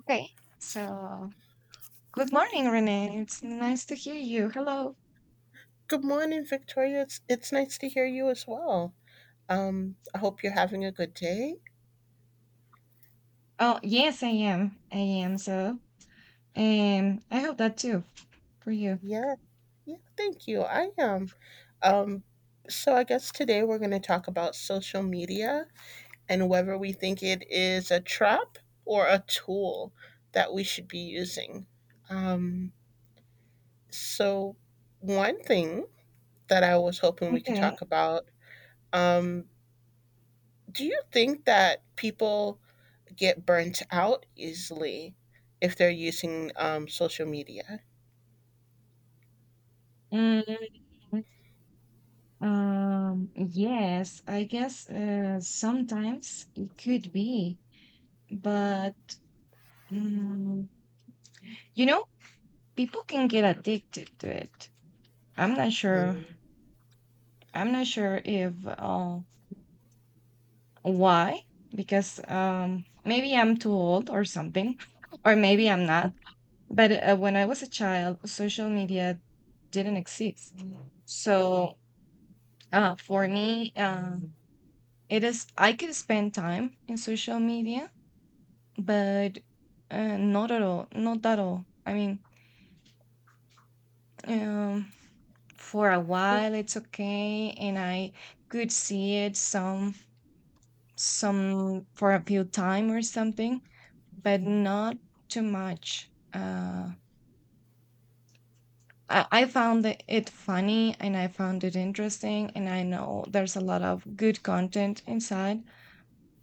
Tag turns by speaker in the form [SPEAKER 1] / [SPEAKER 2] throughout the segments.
[SPEAKER 1] Okay, so good morning, Renee. It's nice to hear you. Hello.
[SPEAKER 2] Good morning, Victoria. It's nice to hear you as well. I hope you're having a good day.
[SPEAKER 1] Oh, yes, I am. I am. So, I hope that too for you.
[SPEAKER 2] Yeah, yeah. Thank you. I am. Um, so I guess today we're going to talk about social media and whether we think it is a trap or a tool that we should be using. Um, so one thing that I was hoping we could
[SPEAKER 1] Okay.
[SPEAKER 2] talk about. Um, do you think that people get burnt out easily if they're using social media.
[SPEAKER 1] Mm, yes, I guess sometimes it could be, but mm, you know, people can get addicted to it. I'm not sure.
[SPEAKER 2] Mhm.
[SPEAKER 1] I'm not sure if why? Because maybe I'm too old or something, or maybe I'm not. But when I was a child, social media didn't exist. Mm. So for me, it is I could spend time in social media, but not at all, not at all. I mean, um, for a
[SPEAKER 2] Yeah.
[SPEAKER 1] while it's okay, and I could see it some for a few time or something, but not too much. I found it funny and I found it interesting, and I know there's a lot of good content inside,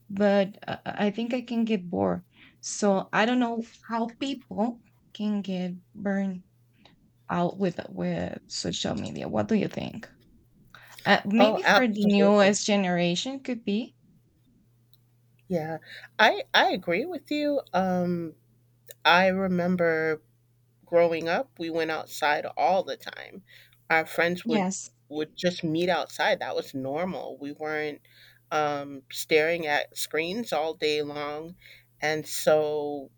[SPEAKER 1] but I think I can get bored. So I don't know how people can get burned out with social media. What do you think?
[SPEAKER 2] Oh,
[SPEAKER 1] Maybe for the
[SPEAKER 2] absolutely.
[SPEAKER 1] newest generation could be.
[SPEAKER 2] Yeah, I agree with you. I remember growing up, we went outside all the time. Our friends would
[SPEAKER 1] Yes.
[SPEAKER 2] just meet outside. That was normal. We weren't staring at screens all day long, and so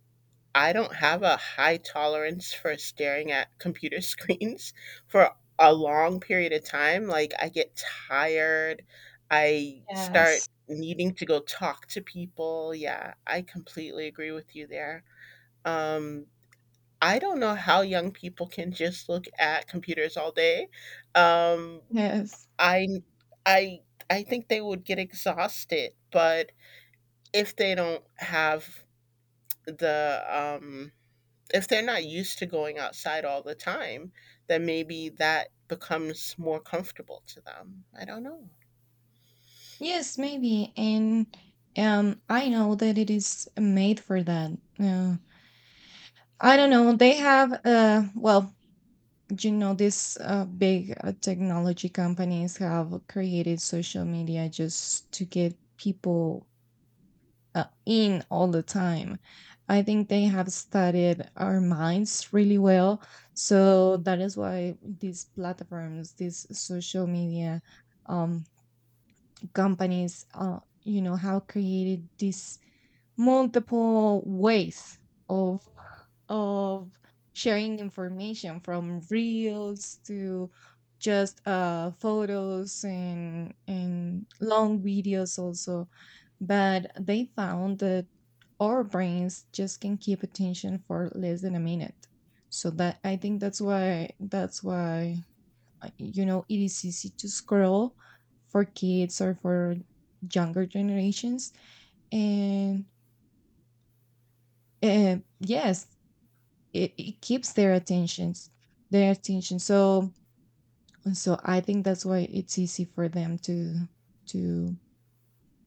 [SPEAKER 2] I don't have a high tolerance for staring at computer screens for a long period of time. Like, I get tired. I start
[SPEAKER 1] Yes.
[SPEAKER 2] needing to go talk to people. Yeah, I completely agree with you there. Um, I don't know how young people can just look at computers all day. Um,
[SPEAKER 1] Yes.
[SPEAKER 2] I, I, I think they would get exhausted, but if they don't have the if they're not used to going outside all the time, then maybe that becomes more comfortable to them. I don't know.
[SPEAKER 1] Yes, maybe. And I know that it is made for that. Uh, I don't know. They have, well, these big technology companies have created social media just to get people in all the time. I think they have studied our minds really well. So that is why these platforms, these social media um, companies, have created this multiple ways of of sharing information, from reels to just photos and long videos also, but they found that our brains just can keep attention for less than a minute. So that I think that's why it is easy to scroll for kids or for younger generations. And yes, it keeps their attentions, their attention. So I think that's why it's easy for them to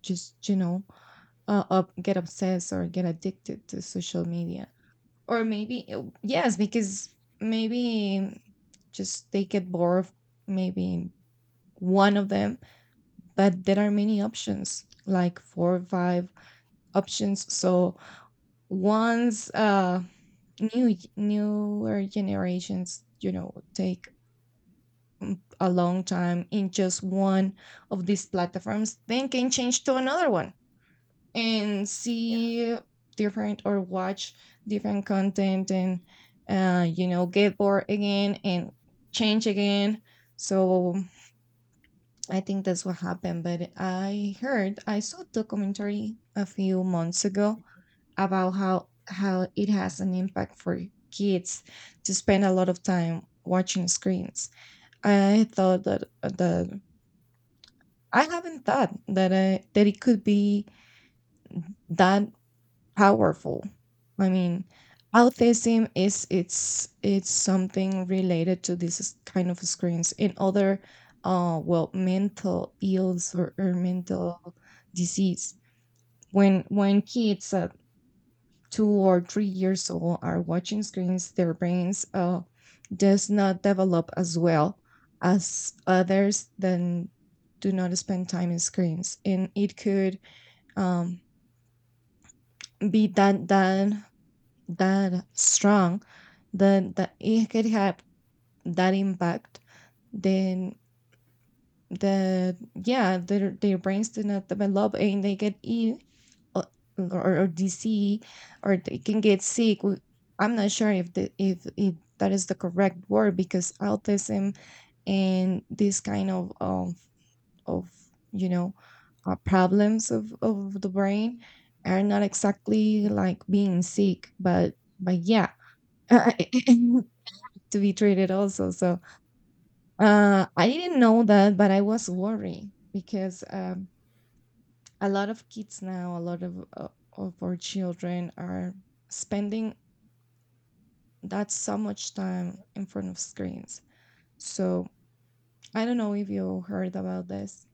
[SPEAKER 1] just get obsessed or get addicted to social media, or maybe yes, because maybe just they get bored of maybe one of them, but there are many options, like four or five options. So once newer generations take a long time in just one of these platforms, then can change to another one and
[SPEAKER 2] Yeah.
[SPEAKER 1] see different or watch different content and get bored again and change again. So I think that's what happened. But I saw a documentary a few months ago about how it has an impact for kids to spend a lot of time watching screens. I thought that that I haven't thought that that it could be that powerful. I mean,
[SPEAKER 2] Yeah.
[SPEAKER 1] autism is, it's something related to this kind of screens and other well, mental ills, or mental disease. When kids 2 or 3 years old are watching screens, their brains does not develop as well as others that do not spend time in screens, and it could um, be that that that strong, that it could have that impact. Then the yeah, their brains do not develop and they get ill, or or disease, or they can get sick. I'm not sure if the if that is the correct word, because autism and this kind of you know problems of the brain are not exactly like being sick, but yeah, to be treated also. So I didn't know that, but I was worried because a lot of kids now, a lot of our children are spending that so much time in front of screens. So I don't know if you heard about this.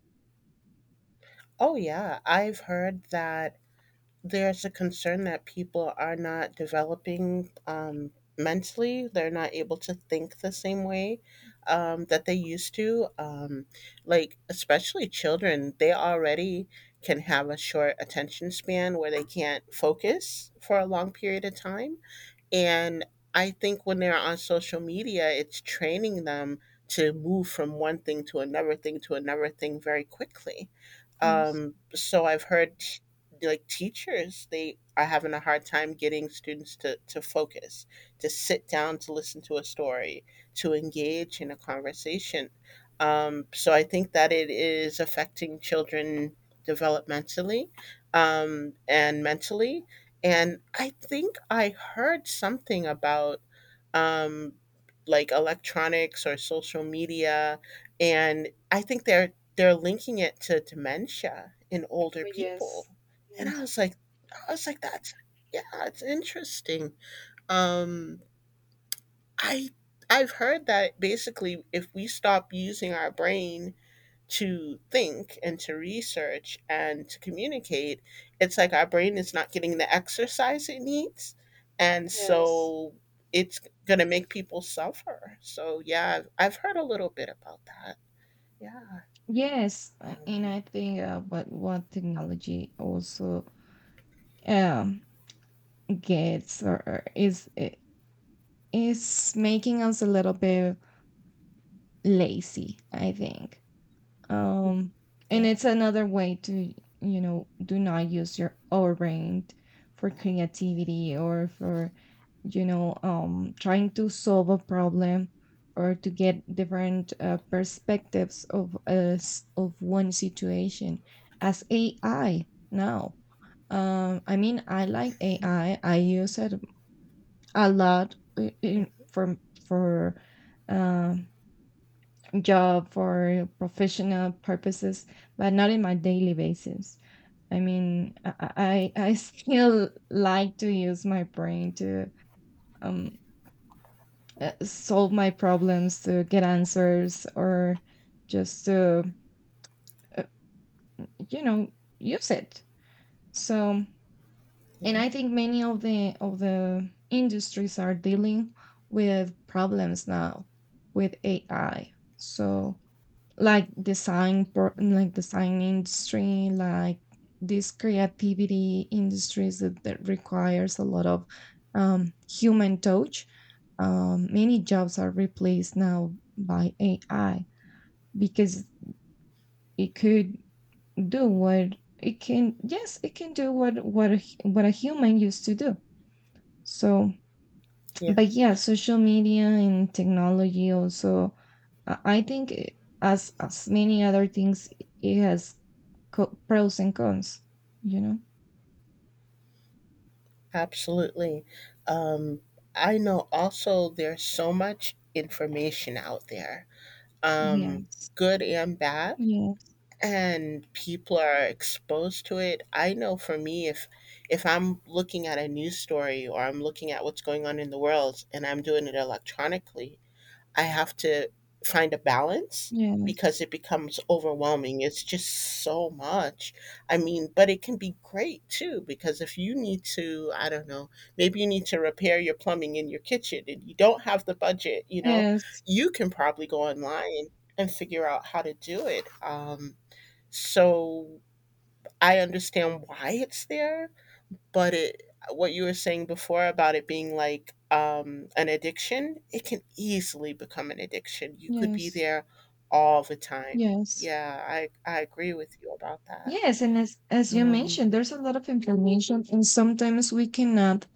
[SPEAKER 2] Oh, yeah. I've heard that there's a concern that people are not developing mentally, they're not able to think the same way that they used to, like especially children, they already can have a short attention span where they can't focus for a long period of time. And I think when they're on social media, it's training them to move from one thing to another thing to another thing very quickly.
[SPEAKER 1] Yes.
[SPEAKER 2] So I've heard like teachers, they are having a hard time getting students to, focus, to sit down, to listen to a story, to engage in a conversation. So I think that it is affecting children developmentally and mentally, and I think I heard something about um, like electronics or social media, and I think they're linking it to dementia in older
[SPEAKER 1] Oh,
[SPEAKER 2] people.
[SPEAKER 1] yes,
[SPEAKER 2] And I
[SPEAKER 1] yes.
[SPEAKER 2] was like, I was like, that's yeah, it's interesting. Um, I I've heard that basically, if we stop using our brain to think and to research and to communicate, it's like our brain is not getting the exercise it needs. And
[SPEAKER 1] Yes,
[SPEAKER 2] so it's going to make people suffer. So, yeah, I've heard a little bit about that. Yeah.
[SPEAKER 1] yes, and
[SPEAKER 2] Um,
[SPEAKER 1] I think what technology also um gets, or is making us a little bit lazy. I think, um and
[SPEAKER 2] yeah.
[SPEAKER 1] it's another way to do not use your overbrain for creativity or for trying to solve a problem or to get different perspectives of us, of one situation, as AI now. I mean, I like AI, I use it a lot, in,
[SPEAKER 2] Mhm.
[SPEAKER 1] for um job for professional purposes, but not in my daily basis. I mean, I still like to use my brain to um solve my problems, to get answers, or just to uh, you know use it. So, and
[SPEAKER 2] Yeah.
[SPEAKER 1] I think many of the industries are dealing with problems now with AI. So, like
[SPEAKER 2] Mhm.
[SPEAKER 1] design industry, like these creativity industries that requires a lot of human touch. Many jobs are replaced now by AI, because it could do what it can. Yes, it can do what a human used to do. So,
[SPEAKER 2] Yeah.
[SPEAKER 1] but yeah, social media and technology also, I think as many other things, it has pros and cons you know
[SPEAKER 2] Absolutely. Um, I know also there's so much information out there, um,
[SPEAKER 1] yes,
[SPEAKER 2] good and bad,
[SPEAKER 1] yes,
[SPEAKER 2] and people are exposed to it. I know for me, if I'm looking at a news story or I'm looking at what's going on in the world and I'm doing it electronically, I have to find a balance
[SPEAKER 1] yes,
[SPEAKER 2] because it becomes overwhelming. It's just so much. I mean, but it can be great too, because if you need to, I don't know, maybe you need to repair your plumbing in your kitchen and you don't have the budget,
[SPEAKER 1] yes,
[SPEAKER 2] you can probably go online and figure out how to do it. So I understand why it's there, but it what you were saying before about it being like an addiction, it can easily become an addiction. You could be
[SPEAKER 1] yes,
[SPEAKER 2] there all the time.
[SPEAKER 1] yes,
[SPEAKER 2] Yeah, I agree with you about that.
[SPEAKER 1] yes. And as you
[SPEAKER 2] Um,
[SPEAKER 1] mentioned, there's a lot of information and sometimes we cannot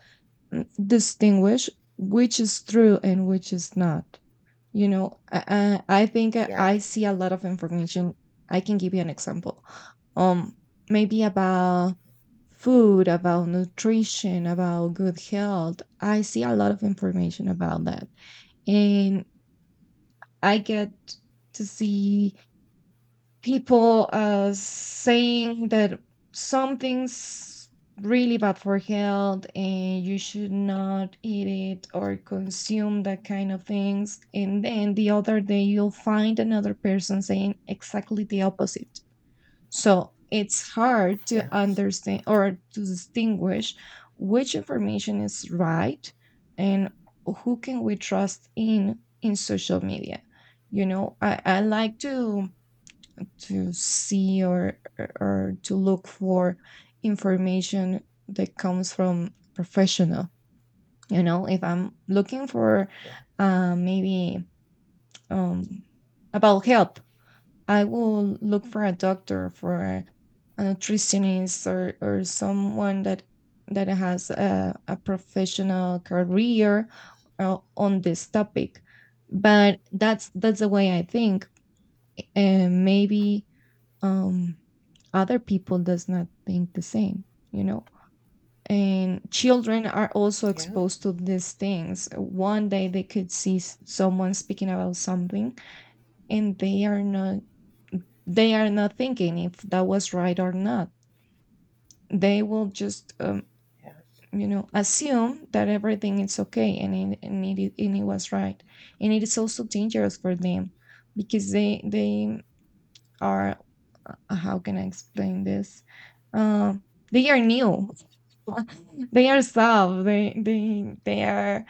[SPEAKER 1] distinguish which is true and which is not. I think I
[SPEAKER 2] yeah,
[SPEAKER 1] I see a lot of information. I can give you an example. Um, maybe about food, about nutrition, about good health. I see a lot of information about that. And I get to see people saying that something's really bad for health and you should not eat it or consume that kind of things. And then the other day, you'll find another person saying exactly the opposite. So it's hard to
[SPEAKER 2] yeah,
[SPEAKER 1] understand or to distinguish which information is right, and who can we trust in social media. I like to see, or to look for information that comes from professional. If I'm looking for
[SPEAKER 2] yeah,
[SPEAKER 1] maybe um, about help, I will look for a doctor for a nutritionist, or someone that has a professional career on this topic. But that's the way I think. And maybe um other people does not think the same, you know and children are also
[SPEAKER 2] yeah,
[SPEAKER 1] exposed to these things. One day they could see someone speaking about something, and they are not thinking if that was right or not. They will just
[SPEAKER 2] yeah.
[SPEAKER 1] assume that everything is okay, and it was right. And it is also dangerous for them because they are, how can I explain this? um they are new, they are soft. They they they are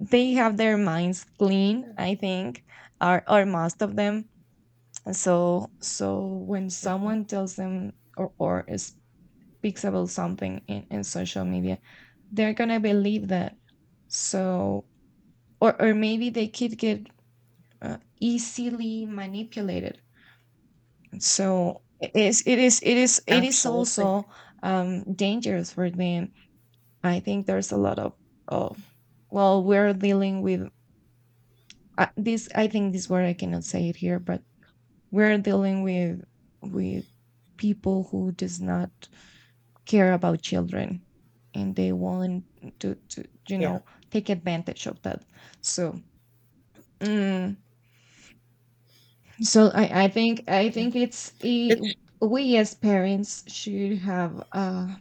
[SPEAKER 1] they have their minds clean, I think, or most of them. And so when someone
[SPEAKER 2] Hmm.
[SPEAKER 1] tells them or speaks about something in social media, they're gonna believe that. So, or maybe they could get easily manipulated. So it is
[SPEAKER 2] Absolutely.
[SPEAKER 1] also dangerous for them. I think there's a lot of, oh, well, we're dealing with this. I think this word I cannot say it here, but we're dealing with people who does not care about children, and they want to to you
[SPEAKER 2] Yeah,
[SPEAKER 1] know take advantage of that. So, mm, I
[SPEAKER 2] yeah.
[SPEAKER 1] think it's,
[SPEAKER 2] It's
[SPEAKER 1] we as parents should have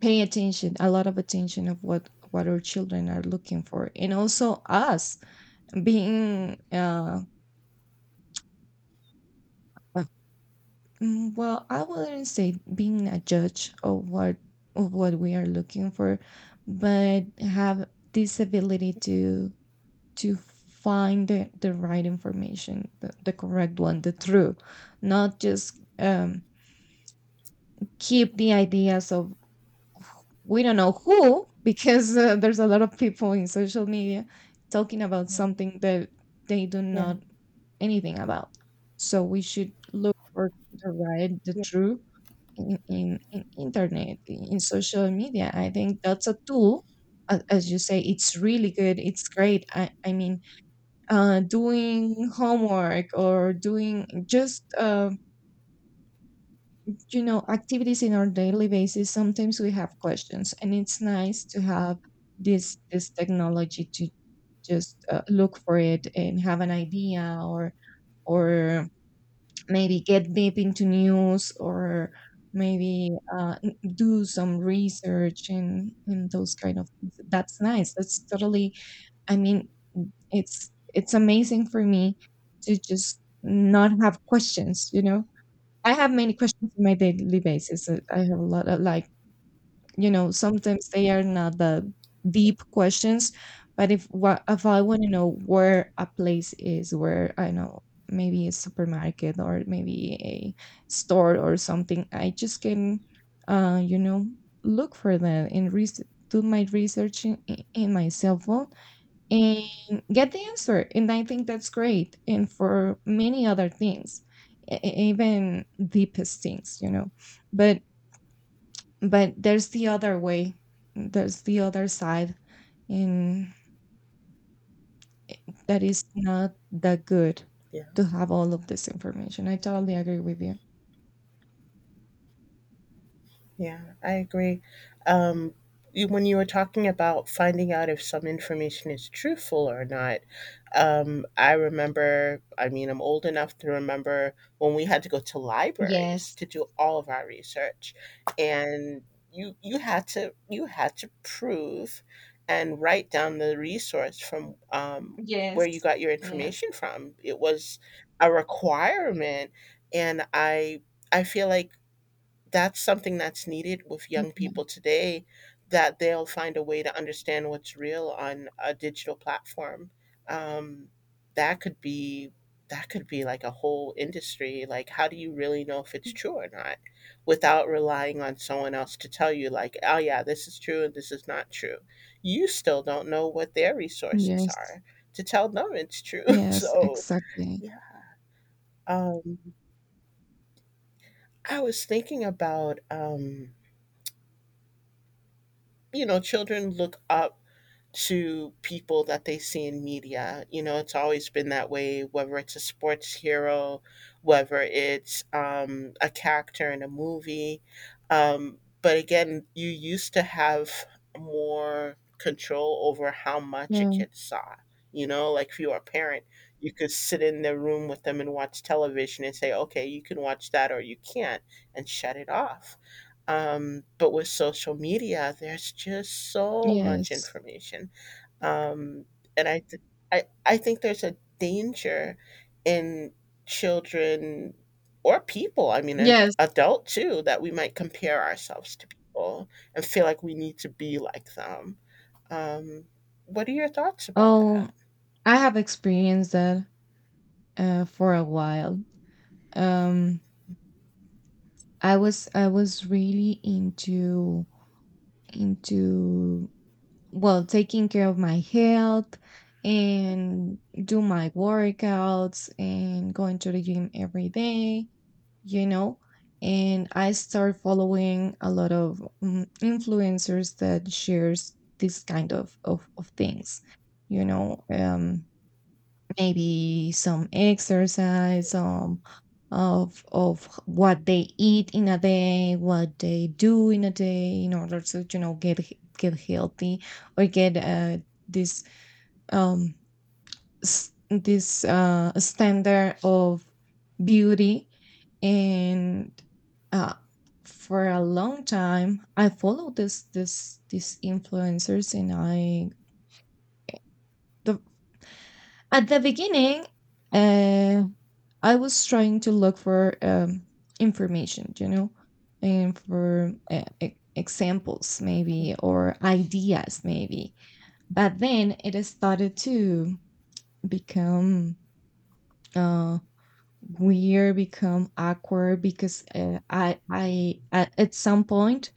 [SPEAKER 1] pay attention, a lot of attention, of what our children are looking for. And also us being uh, well, I wouldn't say being a judge of what we are looking for, but have this ability to find the right information, the correct one, the true. Not just keep the ideas of, we don't know who, because there's a lot of people in social media talking about
[SPEAKER 2] yeah,
[SPEAKER 1] something that they do
[SPEAKER 2] yeah,
[SPEAKER 1] not anything about. So we should look for the right, the
[SPEAKER 2] yeah,
[SPEAKER 1] true in internet, in social media. I think that's a tool. As you say, it's really good. It's great. I mean, doing homework or doing just, activities in our daily basis. Sometimes we have questions, and it's nice to have this technology to just look for it and have an idea or maybe get deep into news or maybe do some research and those kind of things. That's nice. That's totally, i mean it's amazing for me to just not have questions. I have many questions on my daily basis. I
[SPEAKER 2] yeah,
[SPEAKER 1] have a lot of, like, sometimes they are not the
[SPEAKER 2] yeah.
[SPEAKER 1] deep questions, but if what if I want to know where a place is, where I know maybe a supermarket or maybe a store or something, I just can, uh you know look for that and do my research in my cell phone and get the answer. And I think that's great, and for many other things, even deepest things. but but there's the other way. There's the other side, and I that is not that good
[SPEAKER 2] Yeah.
[SPEAKER 1] to have all of this information. I totally agree with you.
[SPEAKER 2] Yeah, I agree. Um, when you were talking about finding out if some information is truthful or not, I remember, I mean, I'm old enough to remember when we had to go to libraries
[SPEAKER 1] Yes.
[SPEAKER 2] to do all of our research. And you had to prove and write down the resource from where you
[SPEAKER 1] Yes.
[SPEAKER 2] got your
[SPEAKER 1] Yes.
[SPEAKER 2] information from. It was a requirement, and I feel like that's something that's needed with young
[SPEAKER 1] Yeah.
[SPEAKER 2] people today, that they'll find a way to understand what's real on a digital platform. Um, that could be that could be like a whole industry. Like, how do you really know if it's true or not without relying on someone else to tell you, like, oh yeah, this is true and this is not true. You still don't know what their resources
[SPEAKER 1] Yes.
[SPEAKER 2] are to tell them it's true.
[SPEAKER 1] Yes,
[SPEAKER 2] So,
[SPEAKER 1] exactly.
[SPEAKER 2] yeah. Um, I was thinking about, children look up to people that they see in media. It's always been that way, whether it's a sports hero, whether it's a character in a movie. But again, you used to have more control over how much a
[SPEAKER 1] Yeah.
[SPEAKER 2] kid saw. You know, like if you were a parent, you could sit in the room with them and watch television and say, okay, you can watch that or you can't, and shut it off. But with social media, there's just so much
[SPEAKER 1] Yes.
[SPEAKER 2] information, um, and I think there's a danger in children or people. I mean, an
[SPEAKER 1] Yes.
[SPEAKER 2] adult too, that we might compare ourselves to people and feel like we need to be like them. Um, what are your thoughts about
[SPEAKER 1] Oh,
[SPEAKER 2] that?
[SPEAKER 1] I have experienced that for a while. Um, I was really into into well, taking care of my health and do my workouts and going to the gym every day, you know. And I start following a lot of influencers that shares this kind of things, you know. Maybe some exercise, some of what they eat in a day, what they do in a day in order to, you know, get healthy or get this um standard of beauty. And uh for a long time I followed this this these influencers, and I the at the beginning, uh, I was trying to look for, information, you know, and for examples maybe, or ideas maybe. But then it started to become uh, weird, become awkward, because I at some point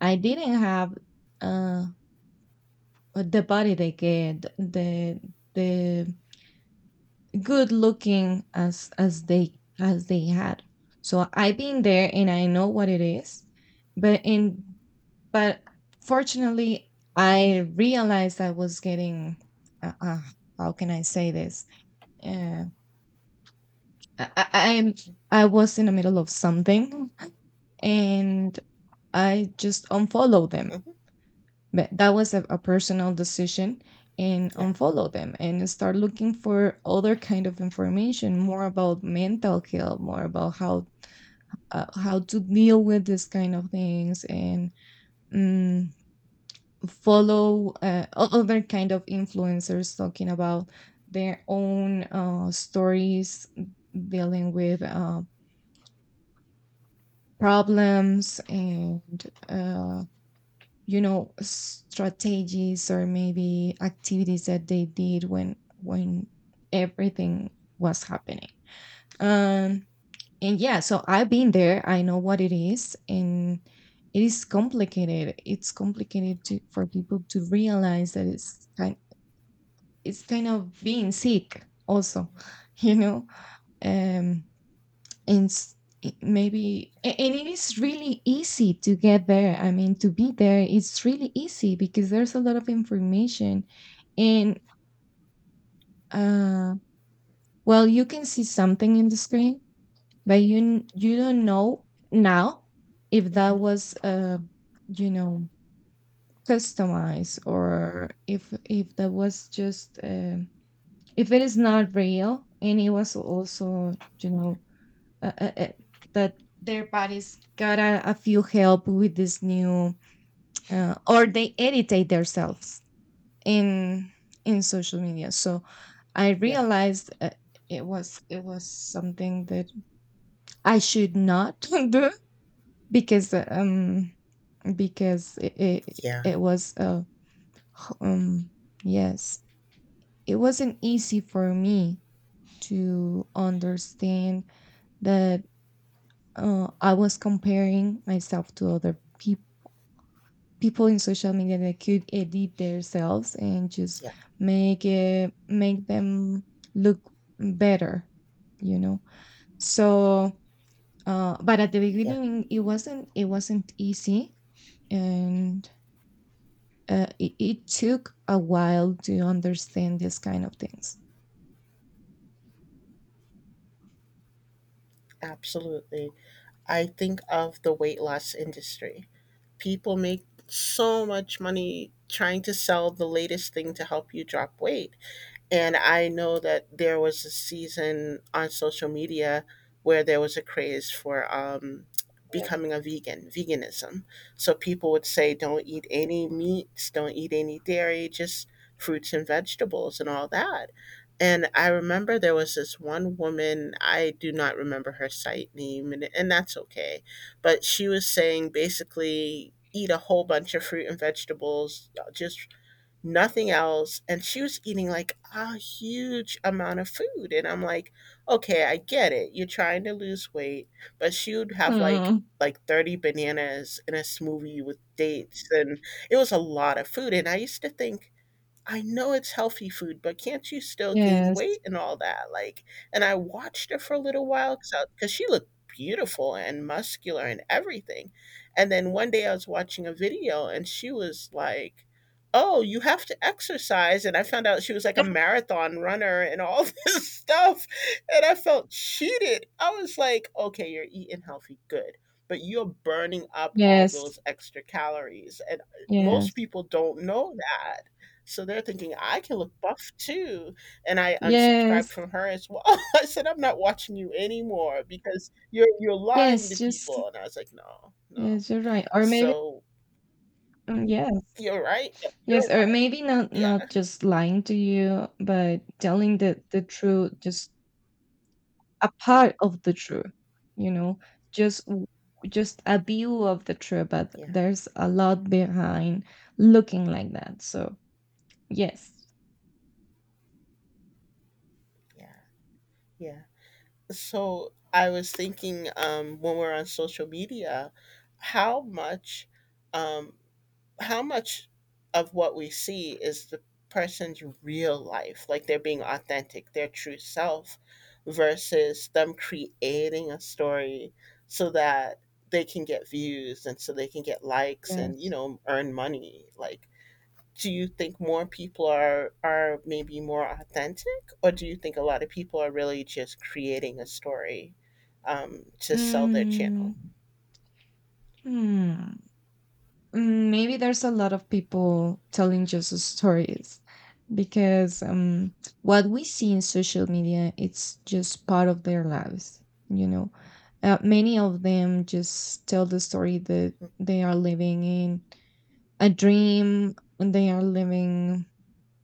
[SPEAKER 1] I didn't have, uh, the body they get the good looking as they had. So I've been there and I know what it is. But in but fortunately, I realized I was getting, uh, uh, how can I say this? Uh, I, I- I'm I was in the middle of something, and I just unfollowed them.
[SPEAKER 2] Mhm.
[SPEAKER 1] But that was a personal decision, and
[SPEAKER 2] Yeah.
[SPEAKER 1] unfollow them and start looking for other kind of information, more about mental health, more about how, how to deal with this kind of things. And, mm, follow other kind of influencers talking about their own stories, dealing with problems, and you know, strategies, or maybe activities that they did when everything was happening. Um, and yeah, so I've been there, I know what it is. And it is complicated. It's complicated to, for people to realize that it's kind of being sick also, you know. um and s- Maybe and it is really easy to get there, I mean, to be there, it's really easy, because there's a lot of information. And, uh well, you can see something in the screen, but you you don't know now if that
[SPEAKER 2] Mhm.
[SPEAKER 1] was, you know customized, or if that was just, um, if it is
[SPEAKER 2] Yeah.
[SPEAKER 1] not real. And it was also, you know, uh, uh, uh, that their bodies got a few help with this new, or they editate themselves in social media. So I
[SPEAKER 2] Yeah.
[SPEAKER 1] realized, it was something that I should not do, because uh, um because
[SPEAKER 2] Yeah.
[SPEAKER 1] it was, h- um yes, it wasn't easy for me to understand that, I was comparing myself to other people, people in social media that could edit themselves, and just
[SPEAKER 2] Yeah.
[SPEAKER 1] make them look better, you know. So, but at the
[SPEAKER 2] Yeah.
[SPEAKER 1] beginning it wasn't, it wasn't easy. And it, it took a while to understand this kind of things.
[SPEAKER 2] Absolutely. I think of the weight loss industry. People make so much money trying to sell the latest thing to help you drop weight. And I know that there was a season on social media where there was a craze for becoming a vegan, veganism. So people would say, don't eat any meats, don't eat any dairy, just fruits and vegetables and all that. And I remember there was this one woman, I do not remember her site name, and that's okay. But she was saying basically, eat a whole bunch of fruit and vegetables, just nothing else. And she was eating like a huge amount of food. And I'm like, okay, I get it. You're trying to lose weight, but she would have like
[SPEAKER 1] Mm.
[SPEAKER 2] 30 bananas in a smoothie with dates, and it was a lot of food, and I used to think, I know it's healthy food, but can't you still gain
[SPEAKER 1] Yes.
[SPEAKER 2] weight and all that? Like, and I watched her for a little while because she looked beautiful and muscular and everything. And then one day I was watching a video and she was like, "Oh, you have to exercise." And I found out she was like a marathon runner and all this stuff. And I felt cheated. I was like, "Okay, you're eating healthy, good. But you're burning up all
[SPEAKER 1] Yes,
[SPEAKER 2] those extra calories." And most
[SPEAKER 1] yes,
[SPEAKER 2] people don't know that, so they're thinking I can look buff too, and I unsubscribed
[SPEAKER 1] yes,
[SPEAKER 2] from her as well. I said I'm not watching you anymore because you're lying to
[SPEAKER 1] yes, just
[SPEAKER 2] people, and I was like, no, no.
[SPEAKER 1] yes, you're right. Or maybe,
[SPEAKER 2] So
[SPEAKER 1] yes.
[SPEAKER 2] you're right. You're
[SPEAKER 1] Yes, or
[SPEAKER 2] right.
[SPEAKER 1] maybe not,
[SPEAKER 2] Yeah,
[SPEAKER 1] not just lying to you, but telling the truth, just a part of the truth, you know, just w- just a view of the truth, but
[SPEAKER 2] yeah,
[SPEAKER 1] there's a lot behind looking like that. So, yes,
[SPEAKER 2] yeah, yeah. So I was thinking, when we're on social media, how much um, how much of what we see is the person's real life, like they're being authentic, their true self, versus them creating a story so that they can get views and so they can get likes and
[SPEAKER 1] yes.
[SPEAKER 2] earn money. Like, do you think more people are maybe more authentic, or do you think a lot of people are really just creating a story to sell their
[SPEAKER 1] Mm,
[SPEAKER 2] channel?
[SPEAKER 1] hmm. Mm, maybe there's a lot of people telling Jesus stories, because, what we see in social media, it's just part of their lives, you know. Uh, many of them just tell the story that
[SPEAKER 2] Mhm,
[SPEAKER 1] they are living in a dream, and they are living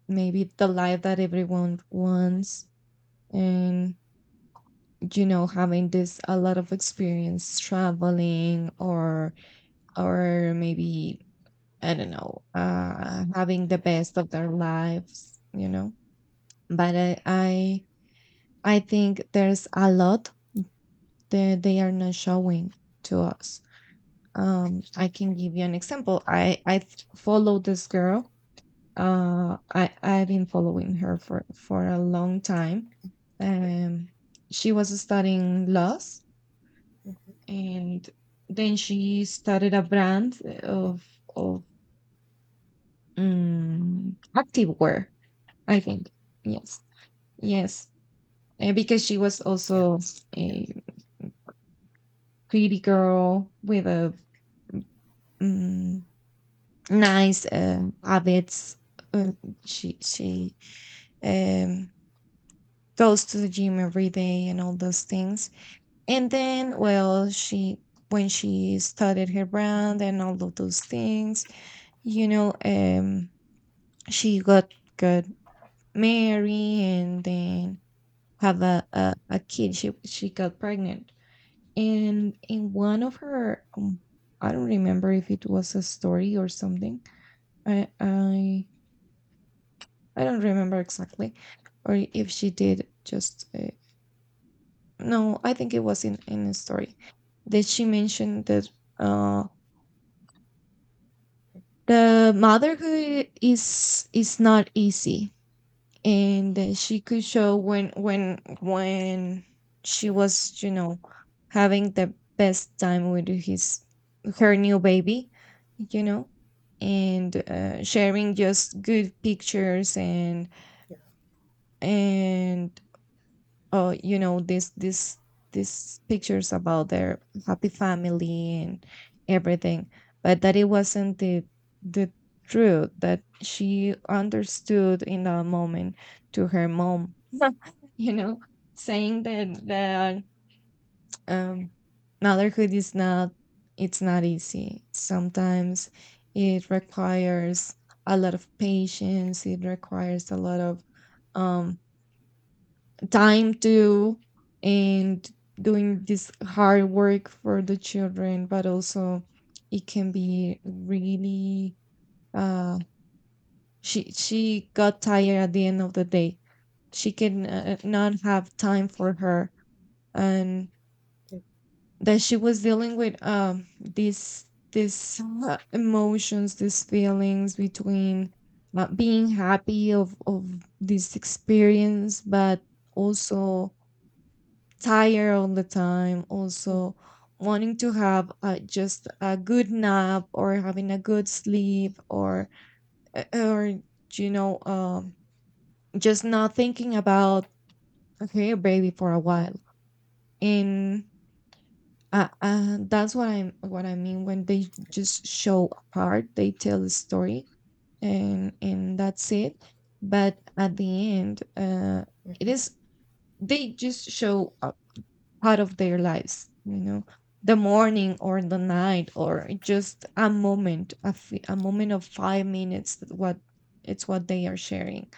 [SPEAKER 1] maybe the life that everyone wants. And, you know, having this a lot of experience traveling, or maybe, I don't know, having the best of their lives, you know. But I think there's a lot that they are not showing to us. I can give you an example. Follow this girl. I've been following her for a long time. Um, she was studying laws,
[SPEAKER 2] mhm,
[SPEAKER 1] and then she started a brand
[SPEAKER 2] mhm.
[SPEAKER 1] of, of activewear. I think, yes, yes. Because she was
[SPEAKER 2] Yeah,
[SPEAKER 1] also
[SPEAKER 2] yeah.
[SPEAKER 1] a pretty girl with a, Mm, nice, habits. Uh, she um, goes to the gym every day and all those things. And then, well, she when she started her
[SPEAKER 2] Mhm,
[SPEAKER 1] brand and all of those things, you know, she got married, and then have a kid. She got pregnant. And in one of her, I don't remember if it was a story or something. I I I don't remember exactly, or if she did just, uh, no, I think it was in a story, that she mentioned that, uh, the motherhood is not easy. And that she could show when she
[SPEAKER 2] yeah,
[SPEAKER 1] was, you know, having the best time with his her new baby, you know, and sharing just good pictures,
[SPEAKER 2] yeah,
[SPEAKER 1] and you know, these pictures about their happy family and everything. But that it wasn't the, the truth that she understood in that moment, to her mom, you know, saying that um, motherhood is not, it's not easy sometimes. It requires a lot of patience, it requires a lot of, um, time to, and doing this hard work for the children. But also it can be really, uh she got tired at the end of the day, she can, not have time for her. And
[SPEAKER 2] yeah.
[SPEAKER 1] that she was dealing with, um, these emotions, these feelings, between, being happy of this experience, but also tired all the time, also wanting to have, just a good nap, or having a good sleep, or uh, or you know, um, just not thinking about okay baby for a while. And, that's what I mean, when they just show a part, they tell a story, and that's it. But at the end, it
[SPEAKER 2] Mhm.
[SPEAKER 1] is, they just show part of their lives, you know, the morning or the night, or just a moment, a moment of 5 minutes, that what, it's what they are sharing.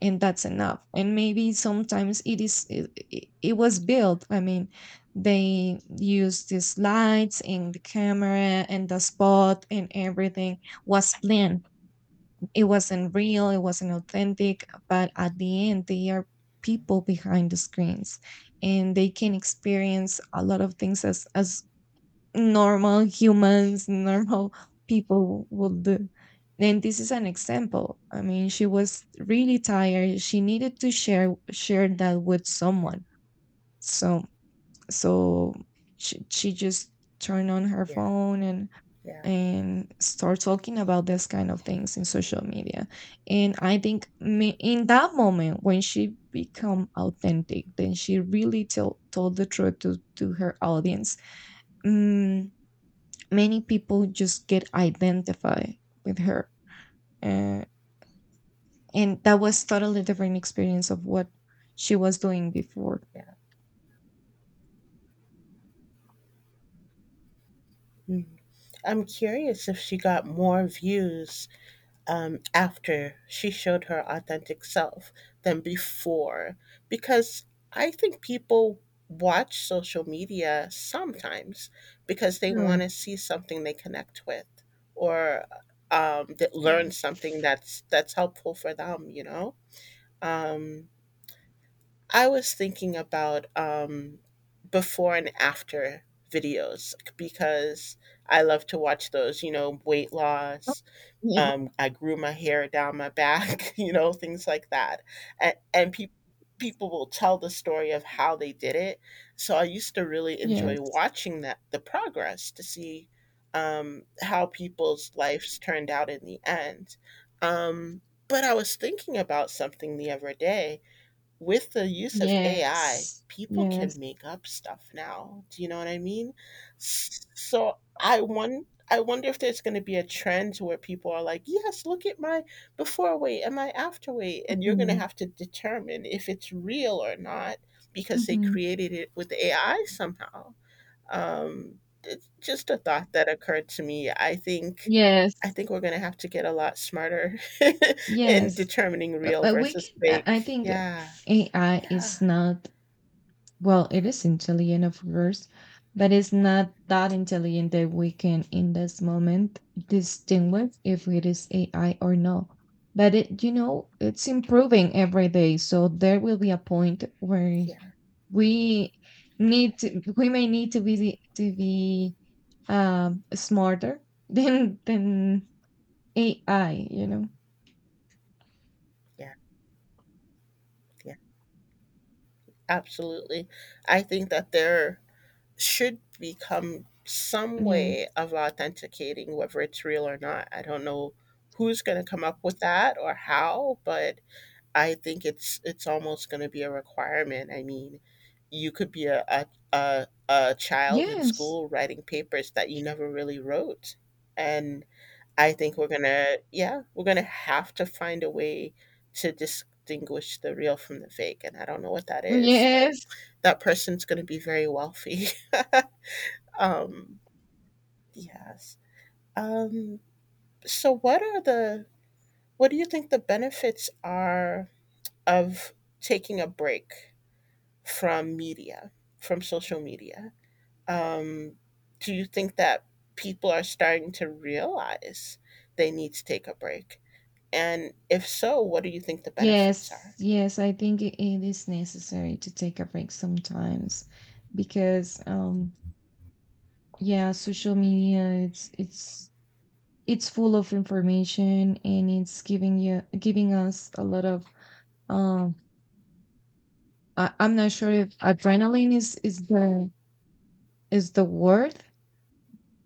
[SPEAKER 1] And that's enough. And maybe sometimes it is, it it was built, I mean, they used these lights and the camera and the spot, and everything was planned. It wasn't real, it wasn't authentic. But at the end, they are people behind the screens, and they can experience a lot of things as normal humans, normal people would do. And this is an example. I mean, she was really tired. She needed to share that with
[SPEAKER 2] Yeah,
[SPEAKER 1] someone. So so she just turned on her
[SPEAKER 2] yeah,
[SPEAKER 1] phone
[SPEAKER 2] yeah,
[SPEAKER 1] and start talking about this kind of things in social media. And I think, me, in that moment when she become authentic, then she really told the truth to her audience. Mm, many people just get identified with her, uh, and that was totally different experience of what she was doing before.
[SPEAKER 2] yeah. Mm. I'm curious if she got more views after she showed her authentic self than before, because I think people watch social media sometimes because they want
[SPEAKER 1] Sure.
[SPEAKER 2] to see something they connect with, or that
[SPEAKER 1] Yeah.
[SPEAKER 2] learn something that's helpful for them. You know. Um, I was thinking about, before and after videos like, because I love to watch those, you know, weight
[SPEAKER 1] Oh,
[SPEAKER 2] loss.
[SPEAKER 1] yeah.
[SPEAKER 2] I grew my hair down my back, you know, things like that. And, and people will tell the story of how they did it. So I used to really enjoy
[SPEAKER 1] Yes.
[SPEAKER 2] watching that, the progress, to see how people's lives turned out in the end. Um, but I was thinking about something the other day. With the use of AI,
[SPEAKER 1] Yes.
[SPEAKER 2] people can
[SPEAKER 1] Yes.
[SPEAKER 2] make up stuff now. Do you know what I mean? So I wonder if there's going to be a trend where people are like, "Yes, look at my before weight and my after weight," and you're going to
[SPEAKER 1] Mhm.
[SPEAKER 2] have to determine if it's real or not because they
[SPEAKER 1] Mhm.
[SPEAKER 2] created it with AI somehow. It's just a thought that occurred to me. I think,
[SPEAKER 1] Yes.
[SPEAKER 2] I think we're going to have to get a lot smarter in
[SPEAKER 1] Yes.
[SPEAKER 2] determining real
[SPEAKER 1] We
[SPEAKER 2] versus
[SPEAKER 1] can, I
[SPEAKER 2] fake.
[SPEAKER 1] think
[SPEAKER 2] Yeah.
[SPEAKER 1] AI
[SPEAKER 2] Yeah,
[SPEAKER 1] is not, well, it is intelligent, of course, but it's not that intelligent that we can, in this moment, distinguish if it is AI or not. But it, you know, it's improving every day. So there will be a point where
[SPEAKER 2] yeah,
[SPEAKER 1] we need to, we may need to be, smarter than AI. You know.
[SPEAKER 2] yeah, yeah. Absolutely. I think that there should become some
[SPEAKER 1] Yes.
[SPEAKER 2] way of authenticating whether it's real or not. I don't know who's going to come up with that or how, but I think it's almost going to be a requirement. I mean, you could be a child in
[SPEAKER 1] Yes.
[SPEAKER 2] school writing papers that you never really wrote, and I think we're gonna, yeah, we're gonna have to find a way to distinguish the real from the fake, and I don't know what that is, but
[SPEAKER 1] Yes.
[SPEAKER 2] that person's gonna be very wealthy. um, yes. Um, so what do you think the benefits are of taking a break from media, from social media? Um, do you think that people are starting to realize they need to take a break? And if so, what do you think the benefits
[SPEAKER 1] Yes,
[SPEAKER 2] are?
[SPEAKER 1] yes, I think it is necessary to take a break sometimes, because, um, yeah, social media, it's full of information, and it's giving us a lot of, um, I, I'm not sure if adrenaline is the, is the word,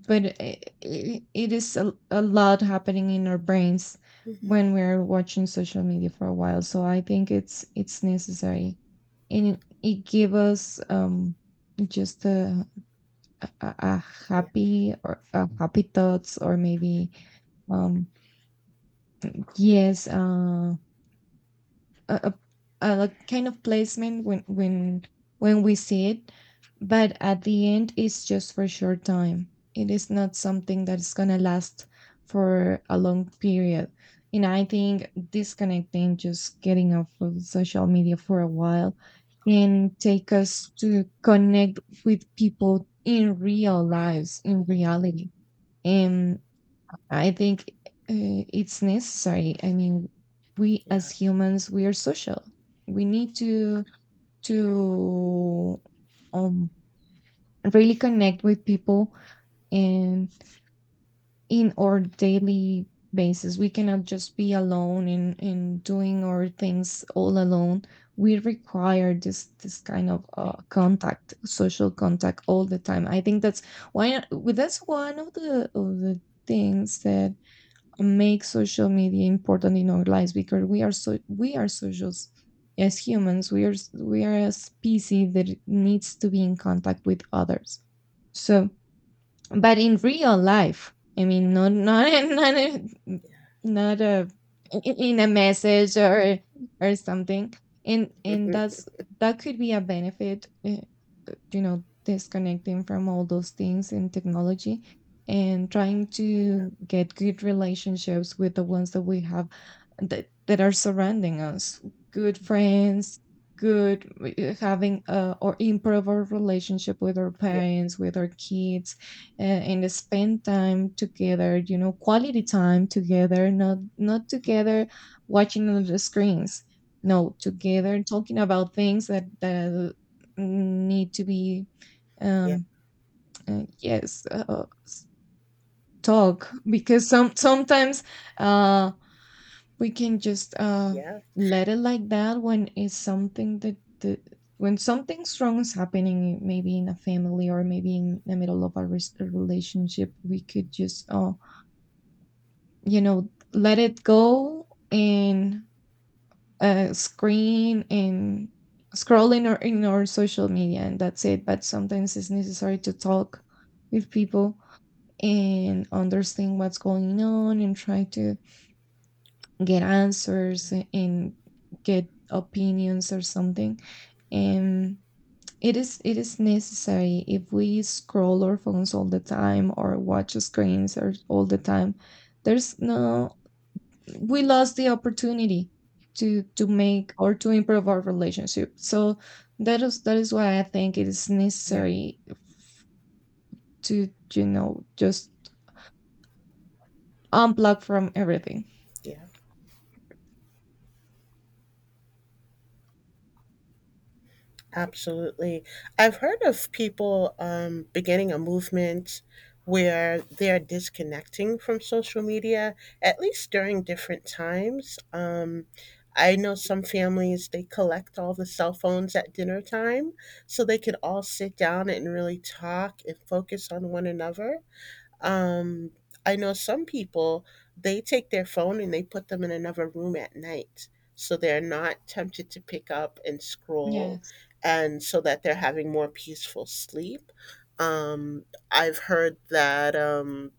[SPEAKER 1] but it is a lot happening in our brains
[SPEAKER 2] Mm-hmm.
[SPEAKER 1] when we're watching social media for a while. So I think it's necessary. And it gives us, um, just a
[SPEAKER 2] Yeah,
[SPEAKER 1] happy, or a happy thoughts, or maybe, um, yes, a, a kind of placement, when when we see it. But at the end, it's just for short time. It is not something that is going to last for a long period. And I think disconnecting, just getting off of social media for a while,
[SPEAKER 2] yeah,
[SPEAKER 1] can take us to connect with people in real lives, in reality. And I think, it's necessary. I mean, we
[SPEAKER 2] yeah,
[SPEAKER 1] as humans, we are social. We need to um, really connect with people, and in our daily basis, we cannot just be alone and doing our things all alone. We require this kind of contact, social contact, all the time. I think that's why. With That's one of the things that make social media important in our lives because we are socials as humans we are a species that needs to be in contact with others, so but in real life, I mean, not not a,
[SPEAKER 2] yeah.
[SPEAKER 1] not a I- in a message or something, and and
[SPEAKER 2] Mhm.
[SPEAKER 1] that's that could be a benefit uh, disconnecting from all those things in technology and trying
[SPEAKER 2] Yeah,
[SPEAKER 1] to get good relationships with the ones that we have, that
[SPEAKER 2] yeah,
[SPEAKER 1] are surrounding us. Good friends, good, having, or improve our relationship with our
[SPEAKER 2] yeah,
[SPEAKER 1] parents, with our kids, and spend time together, quality time together, not together watching on the screens. No, together talking about things that need to be,
[SPEAKER 2] yeah, yeah,
[SPEAKER 1] um, yes, talk, because sometimes uh, we can just, let it like that. When it's something that the, when something strong is happening maybe in a family or maybe in the middle of a, a relationship, we could just, you know, let it go and, screen and scroll in in our social media, and that's it. But sometimes it's necessary to talk with people and understand what's going on and try to get answers and get opinions or something. And it is necessary. If we scroll our phones all the time or watch screens or all the time, there's no, we lost the opportunity to make or to improve
[SPEAKER 2] yeah,
[SPEAKER 1] our relationship. So that is why I think it is
[SPEAKER 2] yeah.
[SPEAKER 1] necessary to, you know, just unplug from everything.
[SPEAKER 2] Yeah. Absolutely. I've heard of people beginning a movement where they're disconnecting from social media, at least during different times. I know some families, they collect all the cell phones at dinner time so they can all sit down and really talk and focus on one another. Um, I know some people, they take their phone and they put them in another room at night, so they're not tempted to pick up and scroll,
[SPEAKER 1] Yes.
[SPEAKER 2] and so that they're having more peaceful sleep. Um, I've heard that,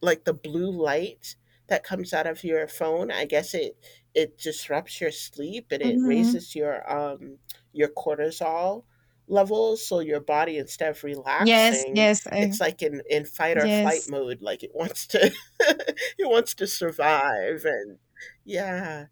[SPEAKER 2] like the blue light that comes out of your phone, I guess it disrupts your sleep and it
[SPEAKER 1] Mhm.
[SPEAKER 2] raises your cortisol levels. So your body, instead of
[SPEAKER 1] Yes,
[SPEAKER 2] relaxing,
[SPEAKER 1] yes, I
[SPEAKER 2] it's like in fight or flight
[SPEAKER 1] yes,
[SPEAKER 2] mode, like it wants to it wants to survive and yeah.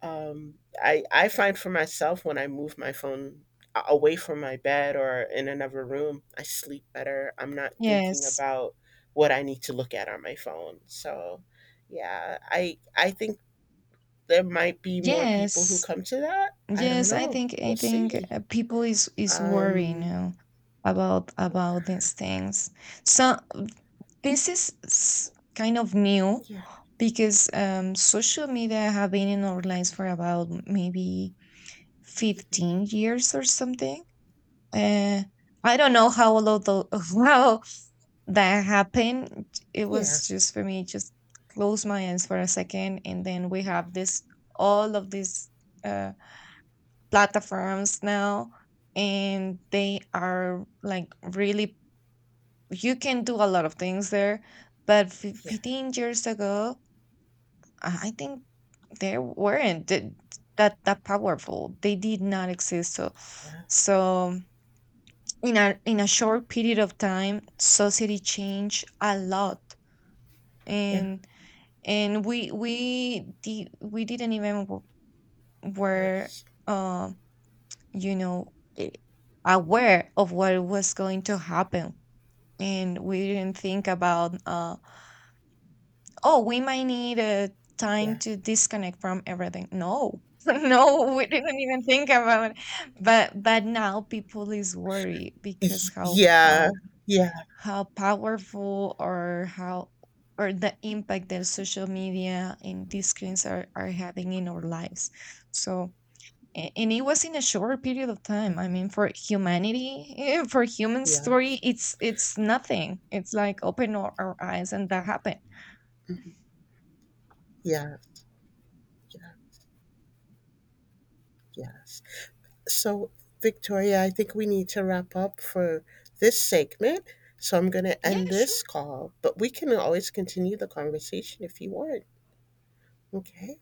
[SPEAKER 2] I find for myself when I move my phone away from my bed or in another room, I sleep better. I'm not thinking
[SPEAKER 1] yes,
[SPEAKER 2] about what I need to look at on my phone. So, yeah, I think there might be more people who
[SPEAKER 1] yes,
[SPEAKER 2] come to that. I don't
[SPEAKER 1] yes. I
[SPEAKER 2] know.
[SPEAKER 1] think
[SPEAKER 2] We'll see.
[SPEAKER 1] people is worrying
[SPEAKER 2] Um,
[SPEAKER 1] now about
[SPEAKER 2] yeah,
[SPEAKER 1] about these things. So this is kind of new,
[SPEAKER 2] yeah,
[SPEAKER 1] because, social media have been in our lives for about maybe 15 years or something. Uh, I don't know how how that happened. It
[SPEAKER 2] yeah,
[SPEAKER 1] was just for me, just close my eyes for a second, and then we have this all of these, uh, platforms now, and they are like really, you can do a lot of things there. But
[SPEAKER 2] yeah,
[SPEAKER 1] 15 years ago, I think they weren't that that powerful. They did not exist. So,
[SPEAKER 2] yeah,
[SPEAKER 1] so in a short period of time, society changed a lot,
[SPEAKER 2] yeah.
[SPEAKER 1] and we didn't even were,
[SPEAKER 2] Yes.
[SPEAKER 1] um, you know, eh, aware of what was going to happen, and we didn't think about, uh, oh, we might need a time
[SPEAKER 2] Yeah.
[SPEAKER 1] to disconnect from everything. No, no, we didn't even think about it. But now people is worried because
[SPEAKER 2] Y-
[SPEAKER 1] how
[SPEAKER 2] yeah.
[SPEAKER 1] how
[SPEAKER 2] Yeah.
[SPEAKER 1] how powerful or how, or the impact that social media and these screens are having in our lives. So, and it was in a short period of time. I
[SPEAKER 2] Mhm.
[SPEAKER 1] mean, for humanity, eh, for human
[SPEAKER 2] Yes.
[SPEAKER 1] story, it's nothing. It's like open our eyes and that happened.
[SPEAKER 2] Mhm. Yeah. Yeah. Yes. So, Victoria, I think we need to wrap up for this segment. So I'm going to
[SPEAKER 1] Yeah,
[SPEAKER 2] end this
[SPEAKER 1] sure.
[SPEAKER 2] call, but we can always continue the conversation if you want. Okay.